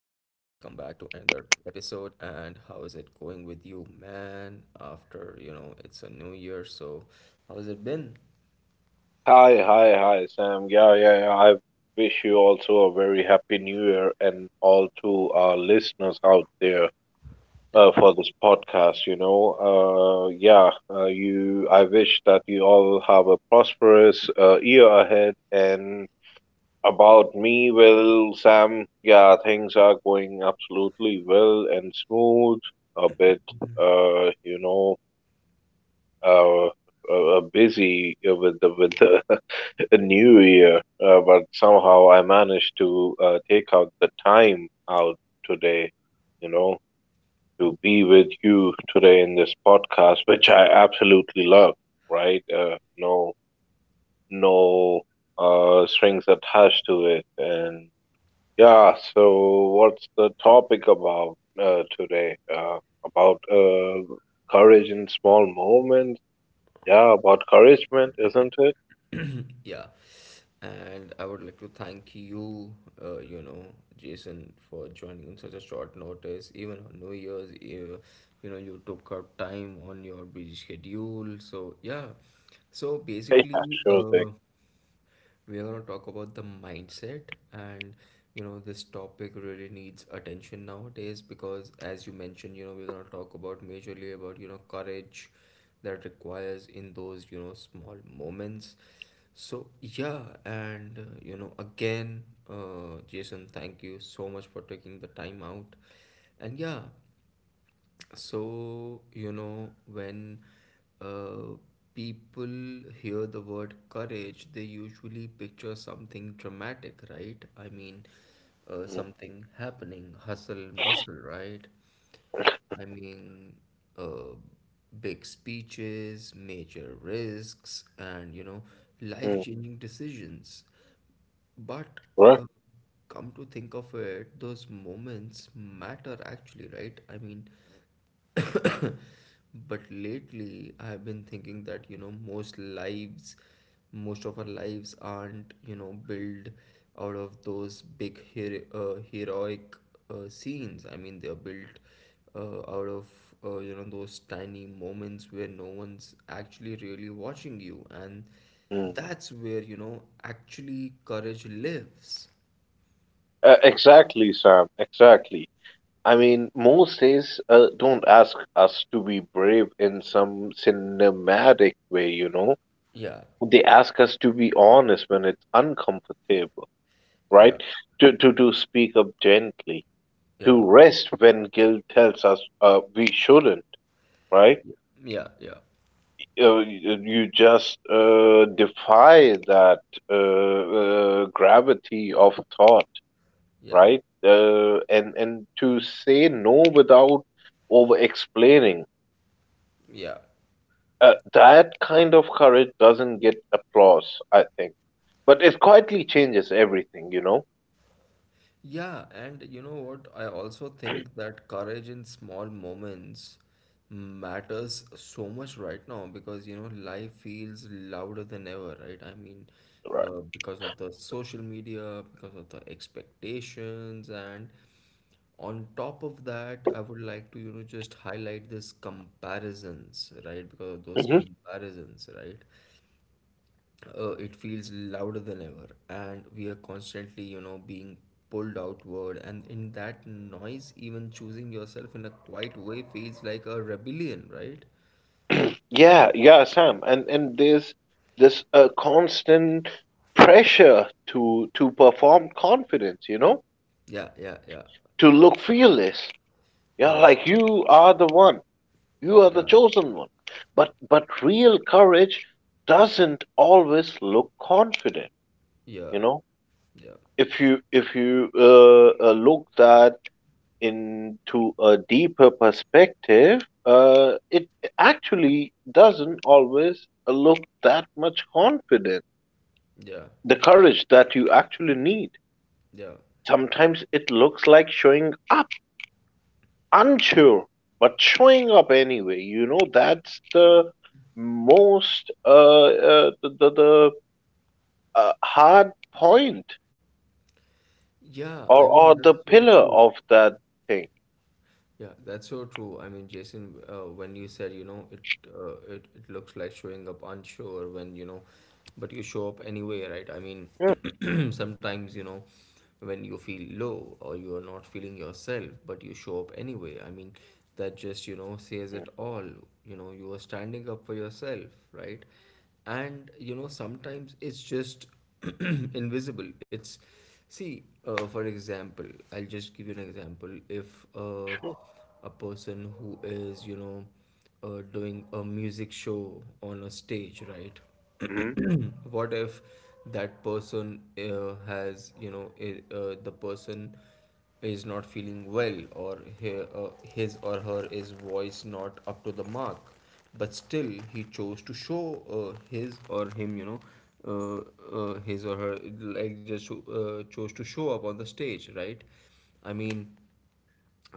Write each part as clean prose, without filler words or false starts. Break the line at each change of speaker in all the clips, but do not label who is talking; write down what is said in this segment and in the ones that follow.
another episode. And how is it going with you, man? After, it's a new year, so how has it been?
Hi, hi, hi, Sam. Yeah, yeah, yeah. I wish you also a very happy new year and all to our listeners out there
Yeah.
for this podcast. You know, yeah, you. I wish that you all have a prosperous year ahead. And about me, well, Sam, yeah, things are going absolutely well and smooth. A bit, uh, you know uh, busy with with the the new year, but somehow I managed to take out the time out today, you know, to be with you today in this podcast, which I absolutely love, right? No, no strings attached to it, and yeah. So, what's the topic about today? About courage in small moments, yeah, about encouragement, isn't it?
Yeah. And I would like to thank you, uh, you know, Jason, for joining on such a short notice. Even on New Year's, you took up time on your busy schedule. So, yeah. So
Yeah,
basically,
sure thing.
we are going to talk about the mindset. And this topic really needs attention nowadays, because, as you mentioned, we're going to talk about, majorly, about courage that requires in those small moments. So yeah. And again, Jason, thank you so much for taking the time out. And yeah. So, when uh, people hear the word courage, they usually picture something dramatic, right? I mean, something happening, hustle and bustle, right? I mean, uh, big speeches, major risks, and,
Mhm.
life-changing decisions. But
Right.
uh, come to think of it, those moments matter actually, right? I mean, but lately I've been thinking that, most of our lives aren't, built out of those big heroic scenes. I mean, they're built, out of, those tiny moments where no one's actually really watching you. And
Mm.
that's where, actually, courage lives.
Exactly, Sam. Exactly. I mean, most days don't ask us to be brave in some cinematic way, you know.
Yeah,
They ask us to be honest when it's uncomfortable, right?
yeah,
To speak up gently, to
yeah,
rest when guilt tells us we shouldn't, right?
yeah, yeah, yeah,
You just defy that gravity of thought,
yeah,
right? And to say no without over explaining,
yeah.
that kind of courage doesn't get applause, I think. But it quietly changes everything, you know.
Yeah, and you know what? I also think that courage in small moments matters so much right now, because, life feels louder than ever, right? I mean,
Right.
because of the social media, because of the expectations, and on top of that, I would like to just highlight this comparisons, right? Because of those
Hmm.
comparisons, right? It feels louder than ever, and we are constantly, being pulled outward, and in that noise, even choosing yourself in a quiet way feels like a rebellion, right?
Yeah, yeah, Sam. And there's this constant pressure to perform confidence, you know,
Yeah, yeah, yeah,
to look fearless. Yeah,
yeah,
like you are the one. You are the
yeah,
chosen one. But real courage doesn't always look confident.
yeah,
You know,
yeah,
if you look that into a deeper perspective, it actually doesn't always look that much confident.
yeah,
The courage that you actually need.
yeah,
Sometimes it looks like showing up unsure, but showing up anyway. You know, that's the most the hard point,
yeah. I mean,
or
that's
the
so
pillar
true.
of that thing.
Yeah, that's so true. I mean, Jason, when you said, it looks like showing up unsure, when, but you show up anyway, right? I mean, sometimes, when you feel low or you are not feeling yourself, but you show up anyway. I mean, that just, says it all. You know, you are standing up for yourself, right? And, sometimes it's just invisible. It's See, for example, I'll just give you an example. If a person who is, doing a music show on a stage, right?
Hmm.
What if that person has, the person is not feeling well, or he, his or her is voice not up to the mark, but still he chose to show his or him you know uh, his or her, like, just chose to show up on the stage, right? I mean,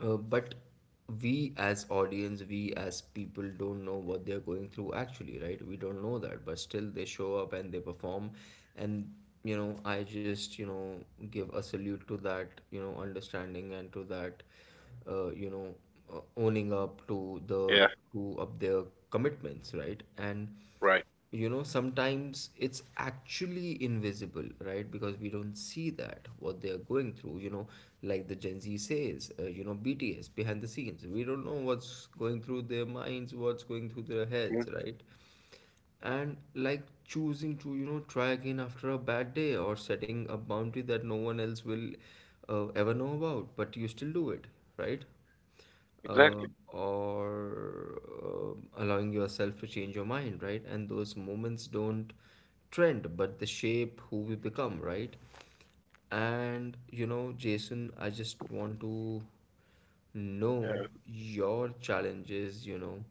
but we as audience, we as people, don't know what they're going through actually, right? We don't know that, but still they show up and they perform. And I just give a salute to that, understanding, and to that, uh, you know owning up to the
Yeah,
to up their commitments, right? And
right.
sometimes it's actually invisible, right? Because we don't see that, what they are going through, like the Gen Z says, BTS, behind the scenes, we don't know what's going through their minds, what's going through their heads,
Mhm.
right? And, like, choosing to, try again after a bad day, or setting a boundary that no one else will ever know about, but you still do it, right?
Exactly.
Or allowing yourself to change your mind, right? And those moments don't trend, but they shape who we become, right? And, Jason, I just want to know your challenges,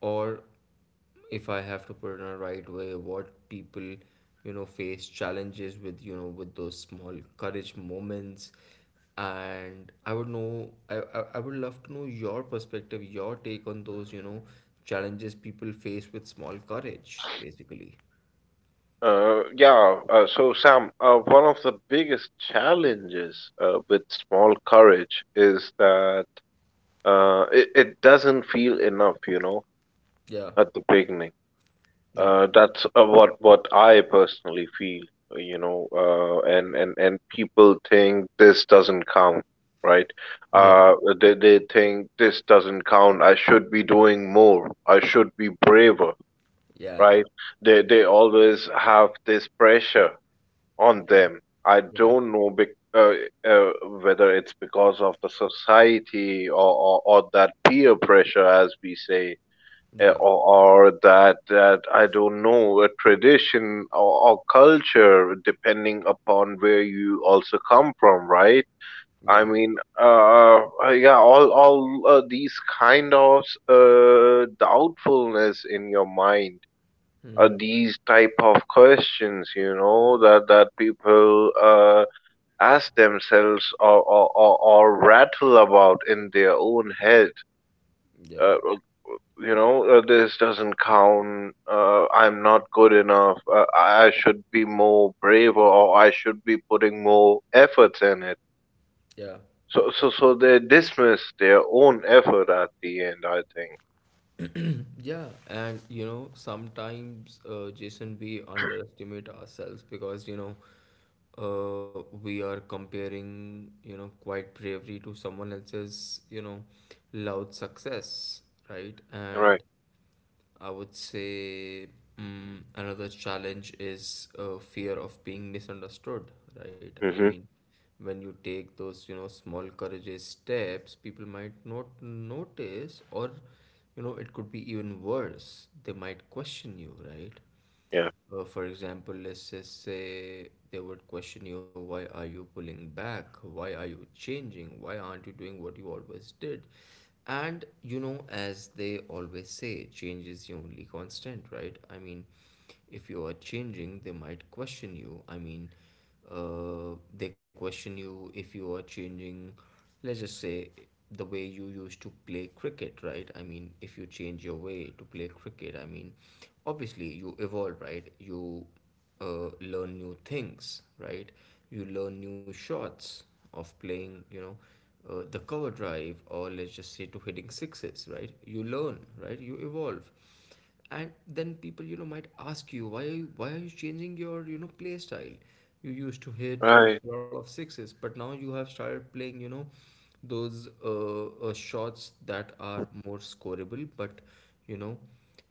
or, if I have to put it in a right way, what people, face challenges with, with those small courage moments. And I would know, I would love to know your perspective, your take on those, challenges people face with small courage, basically.
Yeah. So Sam, one of the biggest challenges with small courage is that it doesn't feel enough, you know,
Yeah,
at the beginning.
yeah,
That's what I personally feel, and people think this doesn't count, right?
yeah,
Uh, they think this doesn't count. I should be doing more. I should be braver,
yeah,
right? They
yeah,
always have this pressure on
yeah,
them. I
yeah,
don't know bec uh, uh, whether it's because of the society, or, or that peer pressure, as we say, eh,
yeah,
or that that, I don't know, a tradition or culture, depending upon where you also come from, right?
yeah,
I mean, yeah, all these kind of doubtfulness in your mind are these type of questions, you know, that that people ask themselves or, or rattle about in their own head,
yeah, yeah.
uh, this doesn't count. I'm not good enough. I should be more brave, or I should be putting more efforts in it.
Yeah.
So they dismiss their own effort at the end. I think.
Yeah, and, sometimes, Jason, we underestimate ourselves because, we are comparing, quiet bravery to someone else's, loud success, right?
Right.
And I would say, another challenge is fear of being misunderstood, right? I
Hmm.
mean, when you take those, small courageous steps, people might not notice, or, it could be even worse. They might question you, right?
Yeah.
For example, let's just say they would question you, why are you pulling back? Why are you changing? Why aren't you doing what you always did? And, as they always say, change is the only constant, right? I mean, if you are changing, they might question you. I mean, they question you if you are changing. Let's just say the way you used to play cricket, right? I mean, if you change your way to play cricket, I mean, obviously you evolve, right? You learn new things, right? You learn new shots of playing, the cover drive, or let's just say to hitting sixes, right? You learn, right? You evolve. And then people, might ask you, why are you changing your, play style. You used to hit
Right.
a lot of sixes, but now you have started playing, those shots that are more scoreable, but, you know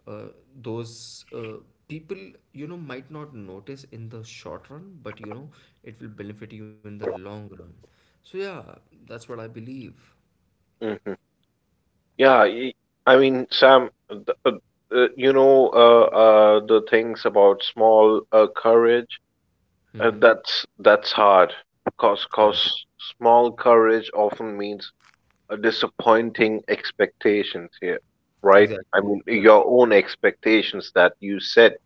uh, those people, might not notice in the short run, but it will benefit you in the long run. So yeah, that's what I believe.
Hmm. Yeah. y- I mean, Sam, the things about small courage. Uh,
Mm-hmm.
that's that's hard. Cause,
Yeah,
cause small courage often means disappointing expectations here, right? I
exactly.
mean,
Yeah,
your own expectations that you set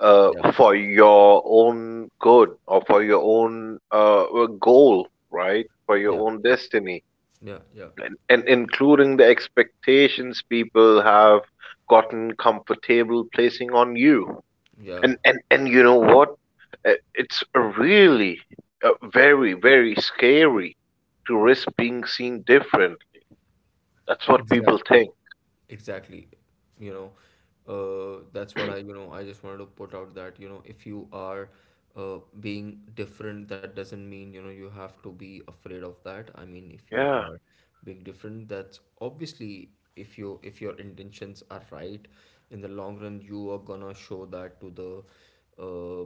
yeah,
for your own good or for your own goal, right? For
yeah,
your own
yeah,
destiny.
yeah, yeah.
And including the expectations people have gotten comfortable placing on you.
Yeah,
And you know what? It's really very, very scary to risk being seen differently. That's what people
exactly.
think.
Exactly. You know, that's what I just wanted to put out, that, if you are being different, that doesn't mean, you have to be afraid of that. I mean, if you
Yeah.
are being different, that's obviously, if your intentions are right, in the long run, you are gonna show that to the uh,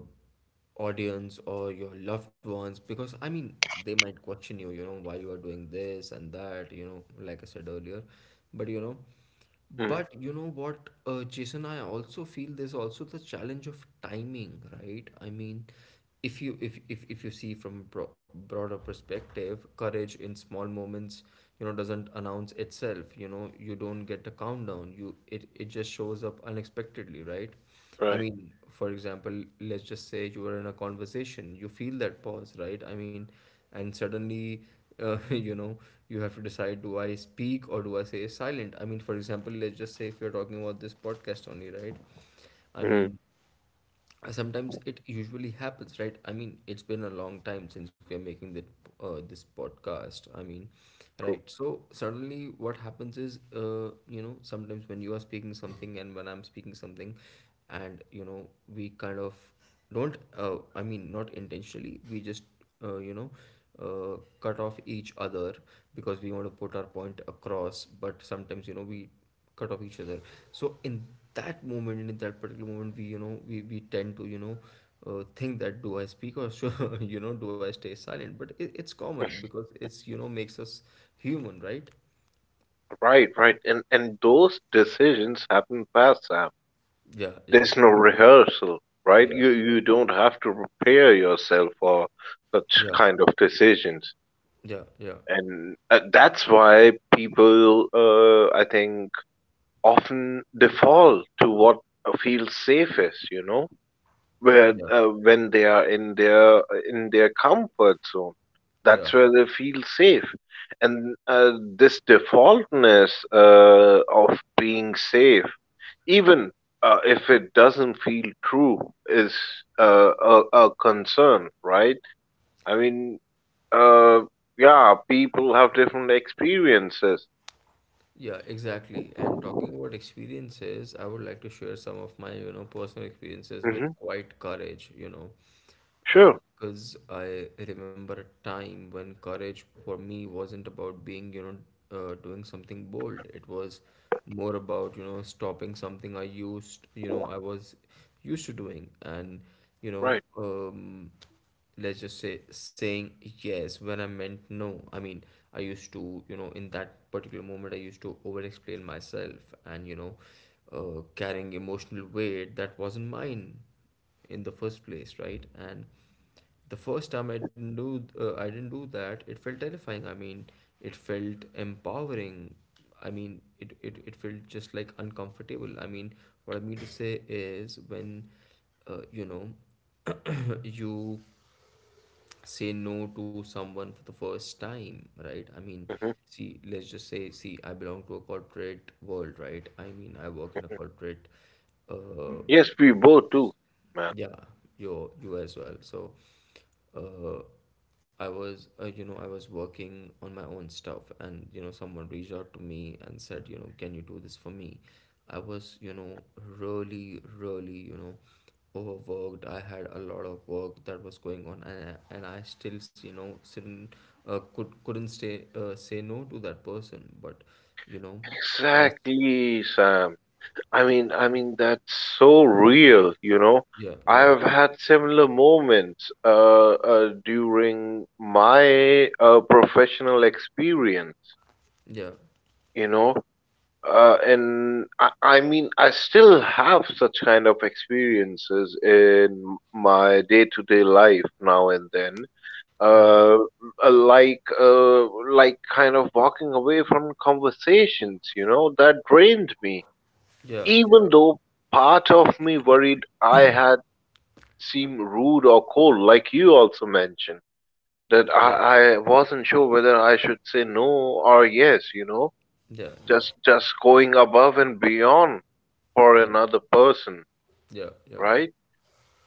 audience or your loved ones, because I mean they might question you, why you are doing this and that, like I said earlier. But you know,
Mhm.
but you know what, Jason, I also feel there's also the challenge of timing, right? I mean, if you see from a broader perspective, courage in small moments, doesn't announce itself, you don't get a countdown, it just shows up unexpectedly, right? I
Right.
mean, for example, let's just say you are in a conversation, you feel that pause, right? I mean, and suddenly, uh, you know, you have to decide, do I speak or do I say silent? I mean, for example, let's just say if you're talking about this podcast only, right? I
Mhm.
mean, sometimes it usually happens, right? I mean, it's been a long time since we are making that this podcast, I mean,
True.
right? So suddenly what happens is, sometimes when you are speaking something, and when I'm speaking something, and, we kind of don't, I mean, not intentionally, we just uh, you know cut off each other, because we want to put our point across, but sometimes, we cut off each other. So in that moment, in that particular moment, we, we tend to, think that, do I speak or should do I stay silent? But it's common, because it's, makes us human, right?
Right, right. And those decisions happen fast, Sam.
Yeah, yeah,
There's no rehearsal, right?
yeah,
You don't have to prepare yourself for such
yeah,
kind of decisions.
yeah, yeah,
And that's why people, I think, often default to what feels safest, you know? Where
yeah,
when they are in their comfort zone,
yeah,
that's where they feel safe, and this defaultness of being safe, even if it doesn't feel true, is a concern, right? I mean, uh, yeah, people have different experiences.
yeah, exactly. And talking about experiences, I would like to share some of my, personal experiences with
Hmm.
quite courage.
Sure.
Because I remember a time when courage for me wasn't about being, doing something bold. It was more about, stopping something I was used to doing. And, you know,
Right.
um, let's just say saying yes when I meant no. I mean, I used to, in that particular moment, I used to over explain myself, and, carrying emotional weight that wasn't mine in the first place, right? And the first time I didn't do that, it felt terrifying. I mean, it felt empowering. I mean, it felt just like uncomfortable. I mean, what I mean to say is uh, you know, you say no to someone for the first time, right? I mean,
Hmm.
see, let's just say, see, I belong to a corporate world, right? I mean, I work in a corporate uh,
Yes, we both do, man.
yeah, you as well. So, uh, I was you know I was working on my own stuff, and you know someone reached out to me and said, you know, can you do this for me? I was you know really you know overworked. I had a lot of work that was going on, and and I still you know couldn't couldn't stay say no to that person. But you know, I
Exactly, Sam. I mean that's so real, you know.
yeah,
I
yeah,
have had similar moments during my professional experience,
yeah,
you know, and I mean, I still have such kind of experiences in my day-to-day life now and then,
yeah,
uh, uh, like uh, like kind of walking away from conversations, you know, that drained me,
yeah, yeah,
even though part of me worried I had seemed rude or cold, like you also mentioned, that
yeah,
I wasn't sure whether I should say no or yes, you know,
yeah, yeah.
just going above and beyond for
Yeah,
another person,
yeah, yeah,
right?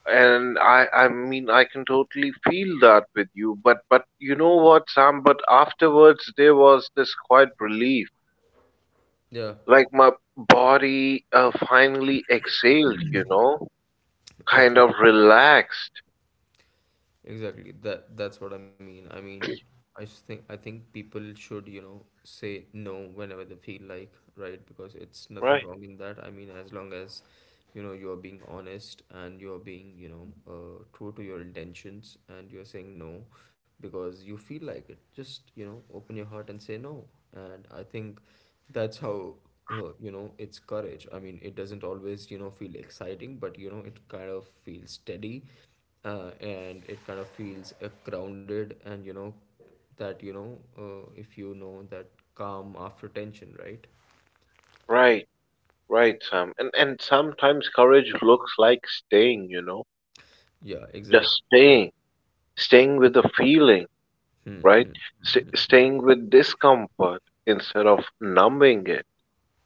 And I mean, I can totally feel that with you, but you know what, Sam? But afterwards, there was this quiet relief,
yeah,
like my body finally exhaled, you know. Kind of
exactly.
relaxed.
Exactly. That's what I mean. I mean, I think people should, you know, say no whenever they feel like, right? Because it's nothing
Right,
wrong in that. I mean, as long as, you know, you're being honest and you're being, you know, true to your intentions and you're saying no because you feel like it. Just, you know, open your heart and say no. And I think that's how you know, it's courage. I mean, it doesn't always, you know, feel exciting, but you know, it kind of feels steady and it kind of feels grounded and you know that you know if you know that calm after tension, right?
right, right, Sam. And sometimes courage looks like staying, you know,
Yeah,
just
exactly, yeah,
staying, staying with the feeling, right? S staying with discomfort instead of numbing it,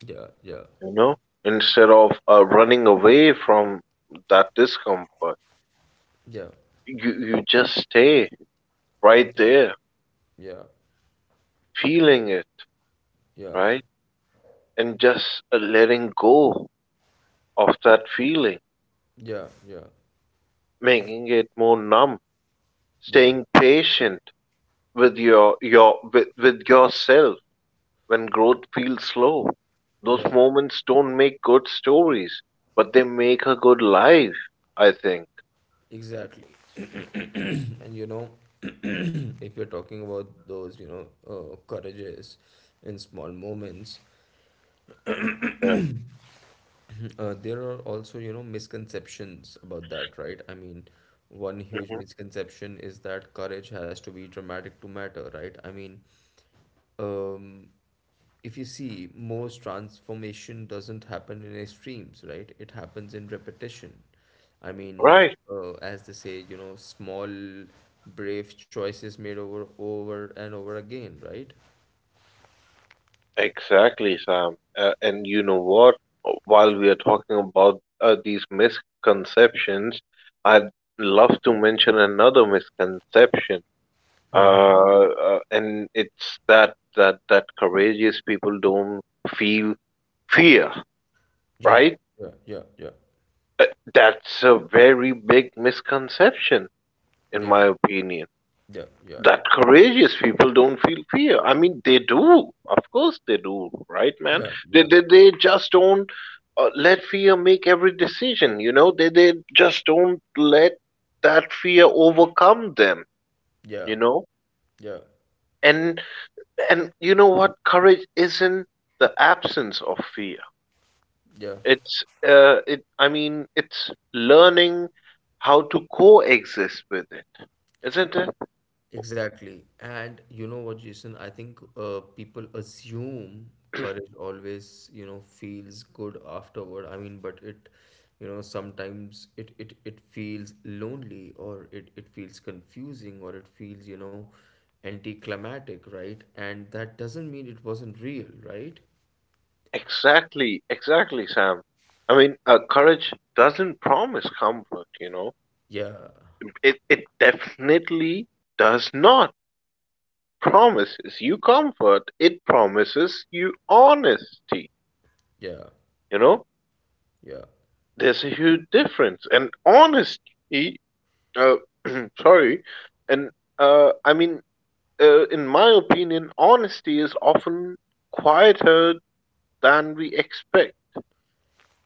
yeah, yeah,
you know, instead of running away from that discomfort.
yeah,
You just stay right
yeah,
there,
yeah,
feeling it,
yeah,
right? And just letting go of that feeling,
yeah,
making it more numb.
yeah,
Staying patient with with yourself when growth feels slow. Those
yeah,
moments don't make good stories, but they make a good life, I think.
exactly. And you know if you're talking about those you know courages in small moments.
Yeah.
There are also, you know, misconceptions about that, right? I mean, one huge
Hmm.
misconception is that courage has to be dramatic to matter, right? I mean, um, if you see, most transformation doesn't happen in extremes, right? It happens in repetition. I mean,
Right.
as they say, you know, small, brave choices made over and over again, right?
Exactly, Sam. And you know what? While we are talking about these misconceptions, I'd love to mention another misconception. And it's that courageous people don't feel fear,
Yeah,
right?
yeah, yeah, yeah,
Uh, that's a very big misconception, in
yeah,
my opinion.
yeah, yeah,
That courageous people don't feel fear. I mean, they do. Of course they do, right, man?
yeah,
They,
yeah.
they, they just don't let fear make every decision, you know? They just don't let that fear overcome them, you
Yeah,
know?
yeah,
And, and you know what? Courage isn't the absence of fear.
yeah,
It's it. I mean, it's learning how to coexist with it, isn't it?
exactly. And you know what, Jason? I think people assume courage always, you know, feels good afterward. I mean, but it, you know, sometimes it feels lonely, or it feels confusing, or it feels, you know, anticlimactic, right? And that doesn't mean it wasn't real, right?
Exactly, exactly, Sam. I mean, courage doesn't promise comfort, you know.
Yeah,
It definitely does not promises you comfort. It promises you honesty,
yeah,
you know.
yeah.
There's a huge difference, and honesty, uh, sorry, and I mean, in my opinion, honesty is often quieter than we expect.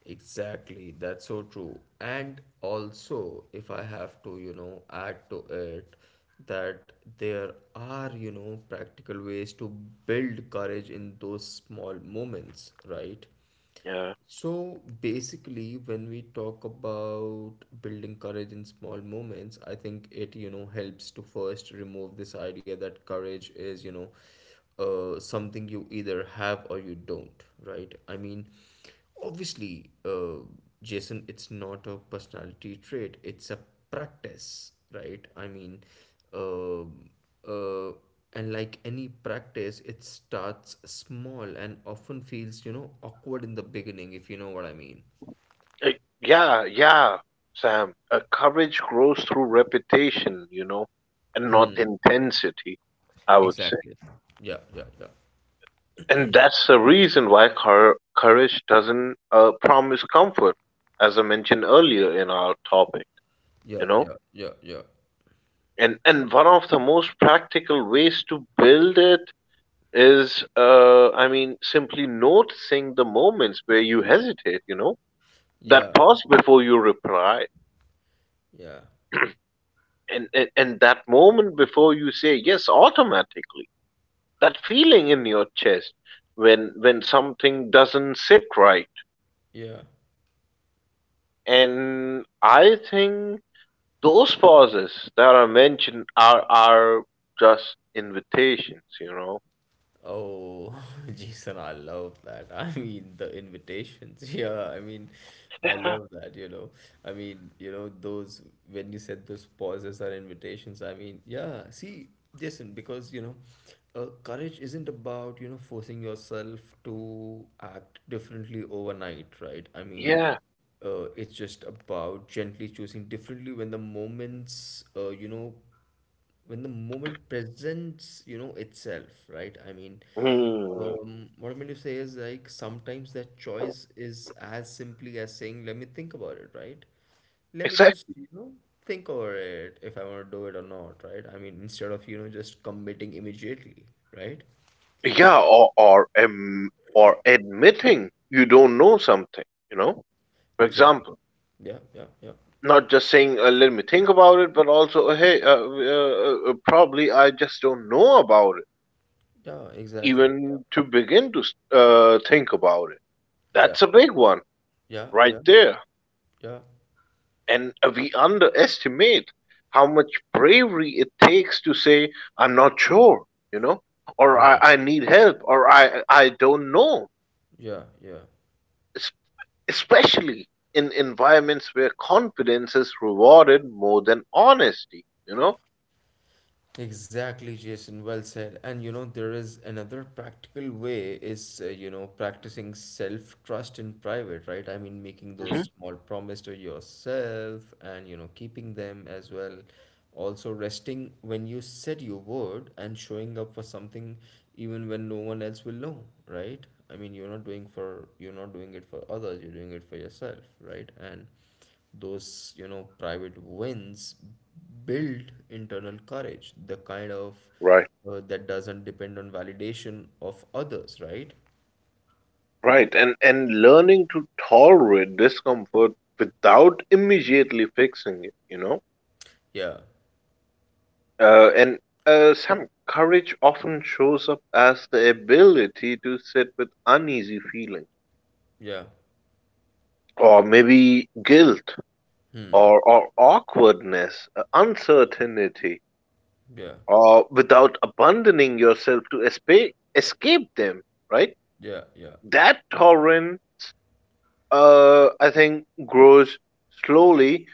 Exactly, that's so true. And also, if I have to, you know, add to it that there are, you know, practical ways to build courage in those small moments, right?
Yeah,
So basically, when we talk about building courage in small moments, I think it, you know, helps to first remove this idea that courage is, you know, something you either have or you don't, right? I mean, obviously, Jason, it's not a personality trait, it's a practice, right? I mean, um uh, and like any practice it starts small and often feels you know awkward in the beginning if you know what I mean.
Uh, yeah, Sam. Courage grows through repetition, you know, and not intensity. I would say,
Exactly. Yeah, yeah, yeah,
and that's the reason why courage doesn't promise comfort, as I mentioned earlier in our topic. You
yeah,
know,
yeah, yeah,
and one of the most practical ways to build it is, I mean, simply noticing the moments where you hesitate. You know, that
yeah, yeah,
pause before you reply,
yeah,
and and that moment before you say yes automatically. That feeling in your chest when something doesn't sit right.
yeah.
And I think those pauses that are mentioned are just invitations. You know.
Oh, Jason, I love that. I mean, the invitations. Yeah, I mean, I love that, you know. I mean, you know, those, when you said those pauses are invitations, I mean, yeah, see, Jason, because, you know, courage isn't about, you know, forcing yourself to act differently overnight, right? I mean,
Yeah.
it's just about gently choosing differently when the moments, you know, when the moment presents, you know, itself, right? I mean,
Hmm.
what I mean to say is like sometimes that choice is as simply as saying, let me think about it, right? Let me just,
Exactly.
you know, think over it if I want to do it or not, right? I mean, instead of, you know, just committing immediately, right?
Yeah, or admitting you don't know something, you know. For
Exactly.
example,
Yeah, yeah, yeah.
not just saying, "Let me think about it," but also, "Hey, probably I just don't know about it."
Yeah, exactly. Yeah.
Even to begin to think about it,
Yeah.
that's a big one
Yeah,
right
yeah,
there,
yeah,
and we underestimate how much bravery it takes to say, "I'm not sure," you know, or
yeah,
I need help," or I don't know,"
yeah, yeah.
especially in environments where confidence is rewarded more than honesty, you know.
Exactly, Jason. Well said. And you know, there is another practical way is, you know, practicing self-trust in private, right? I mean, making
Hmm.
those small promise to yourself and, you know, keeping them as well. Also, resting when you said you would and showing up for something even when no one else will know, right? I mean, you're not doing it for others, you're doing it for yourself, right? And those, you know, private wins build internal courage, the kind of
Right,
that doesn't depend on validation of others, right?
right. And learning to tolerate discomfort without immediately fixing it, you know.
Yeah,
And some courage often shows up as the ability to sit with uneasy feeling,
yeah,
or maybe guilt,
hmm,
or awkwardness, uncertainty,
yeah,
or without abandoning yourself to escape escape them, right?
yeah, yeah.
That tolerance, I think, grows slowly,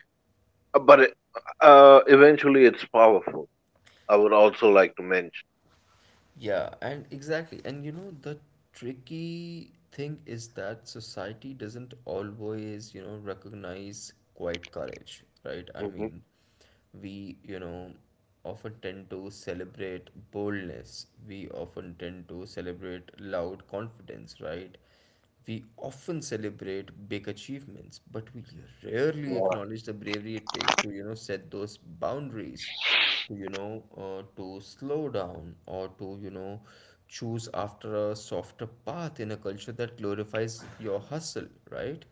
but eventually it's powerful. I would also like to mention.
Yeah, and exactly. And you know, the tricky thing is that society doesn't always, you know, recognize quiet courage, right? I
Hmm.
mean, we, you know, often tend to celebrate boldness. We often tend to celebrate loud confidence, right? We often celebrate big achievements, but we rarely
Yeah,
acknowledge the bravery it takes to, you know, set those boundaries, to, you know, to slow down or to, you know, choose after a softer path in a culture that glorifies your hustle, right?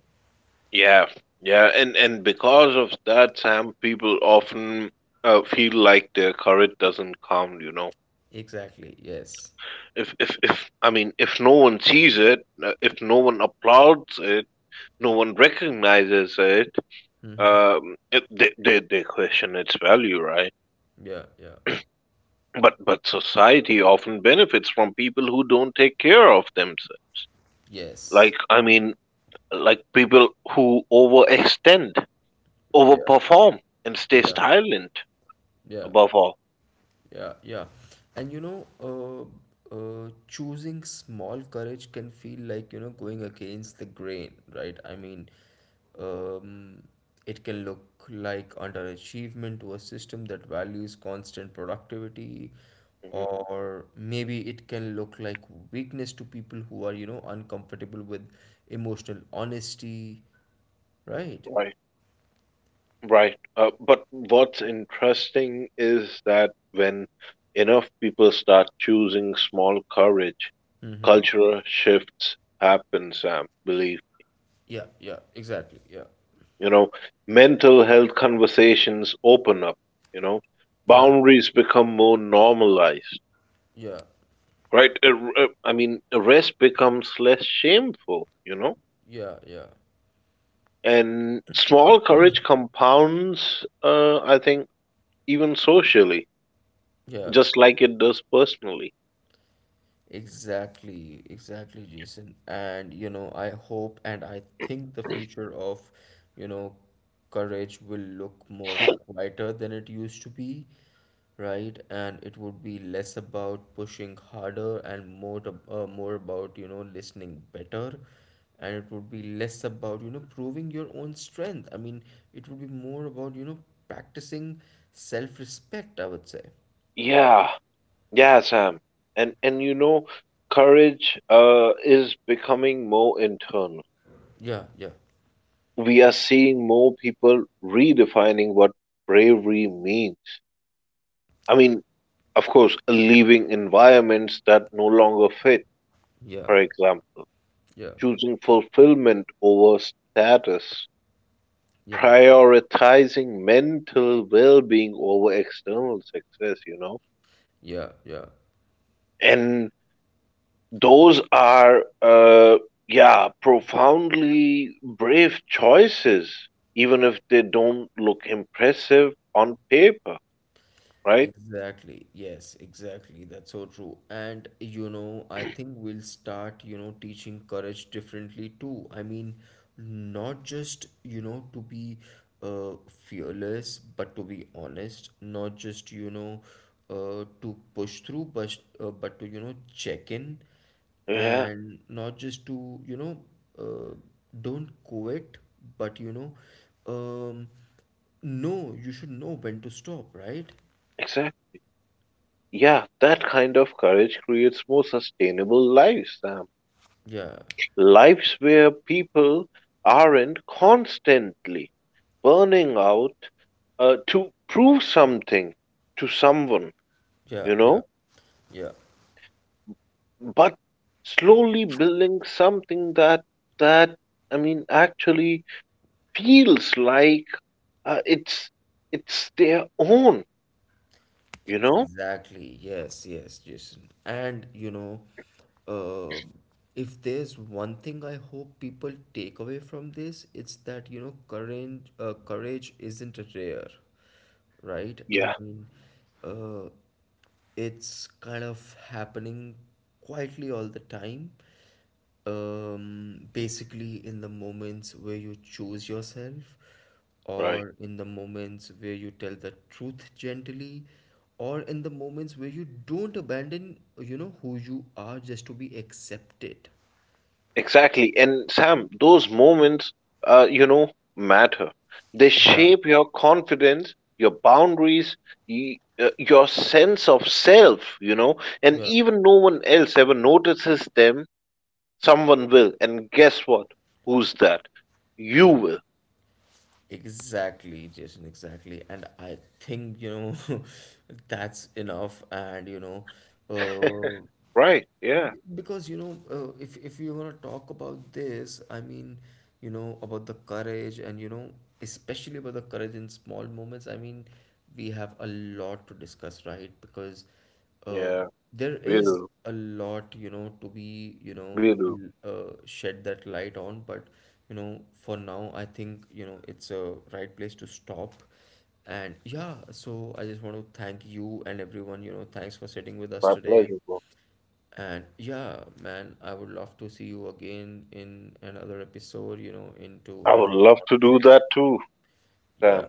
yeah, yeah. And because of that, Sam, people often feel like their courage doesn't count, you know,
Exactly, yes.
if I mean, if no one sees it, if no one applauds it, no one recognizes it.
Mm-hmm.
It, they question its value, right?
Yeah, yeah.
But society often benefits from people who don't take care of themselves.
Yes.
Like I mean, like people who overextend,
Yeah,
overperform, and stay
yeah,
silent.
yeah.
Above all.
Yeah, yeah. And you know, choosing small courage can feel like, you know, going against the grain, right? I mean, um, it can look like underachievement to a system that values constant productivity,
Mhm.
or maybe it can look like weakness to people who are, you know, uncomfortable with emotional honesty, right?
Right, right. But what's interesting is that when enough people start choosing small courage,
Mm-hmm.
cultural shifts happen, Sam. Believe.
Yeah, yeah, exactly. Yeah,
You know, mental health conversations open up, you know,
yeah,
boundaries become more normalized,
yeah,
right? I mean, rest becomes less shameful, you know,
yeah, yeah,
and small courage compounds, I think, even socially,
yeah.
just like it does personally.
Exactly, exactly, Jason. And you know, I hope and I think the future of, you know, courage will look more quieter than it used to be, right? And it would be less about pushing harder and more to, more about, you know, listening better. And it would be less about, you know, proving your own strength. I mean, it would be more about, you know, practicing self-respect, I would say.
Yeah, yeah, Sam. And you know, courage is becoming more internal.
Yeah, yeah,
We are seeing more people redefining what bravery means. I mean, of course, leaving environments that no longer fit,
yeah,
for example,
yeah,
choosing fulfillment over status,
yeah.
prioritizing mental well being over external success, you know?
Yeah, yeah.
And those are, yeah, profoundly brave choices, even if they don't look impressive on paper, right?
Exactly. Yes, exactly. That's so true. And you know, I think we'll start, you know, teaching courage differently too. I mean, not just, you know, to be fearless, but to be honest, not just, you know, to push through, but to, you know, check in
Yeah.
and not just to, you know, uh, don't quit, but you know, um, no, you should know when to stop, right?
Exactly. Yeah, that kind of courage creates more sustainable lives, Sam.
Yeah,
Lives where people aren't constantly burning out to prove something to someone,
yeah,
you
yeah,
know,
yeah.
but slowly building something that I mean actually feels like uh, it's it's their own, you know.
Exactly. Yes, yes, Jason. And you know, uh, if there's one thing I hope people take away from this, it's that you know, courage isn't rare, right?
Yeah,
I mean, uh, it's kind of happening quietly all the time, basically in the moments where you choose yourself,
right.
or in the moments where you tell the truth gently, or in the moments where you don't abandon, you know, who you are just to be accepted.
Exactly. And Sam, those moments, you know, matter. They
Yeah,
shape your confidence, your boundaries, your sense of self, you know, and
yeah,
even no one else ever notices them, someone will. And guess what? Who's that? You
yeah.
will,
Exactly, Jason, exactly. And I think, you know, that's enough. And, you know, uh,
right? Yeah.
because you know if you want to talk about this I mean you know about the courage and you know especially about the courage in small moments I mean we have a lot to discuss right because uh,
Yeah,
there
we
is
do.
a lot you know to be you know
We do.
shed that light on but you know for now I think you know it's a right place to stop. And yeah, so I just want to thank you and everyone, you know, thanks for sitting with us
My
today.
pleasure, bro.
And yeah, man, I would love to see you again in another episode, you know, into
I would
another
love to do that
conversation.
too, Sam.
Yeah,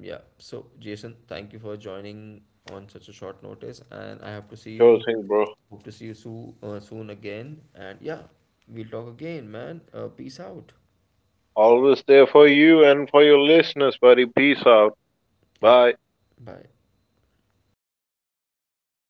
yeah. So, Jason, thank you for joining on such a short notice, and I have to see
Sure
you.
thing, bro.
Hope to see you soon, soon again. And yeah, we'll talk again, man. Peace out.
Always there for you and for your listeners, buddy. Peace out.
Yeah,
Bye.
bye.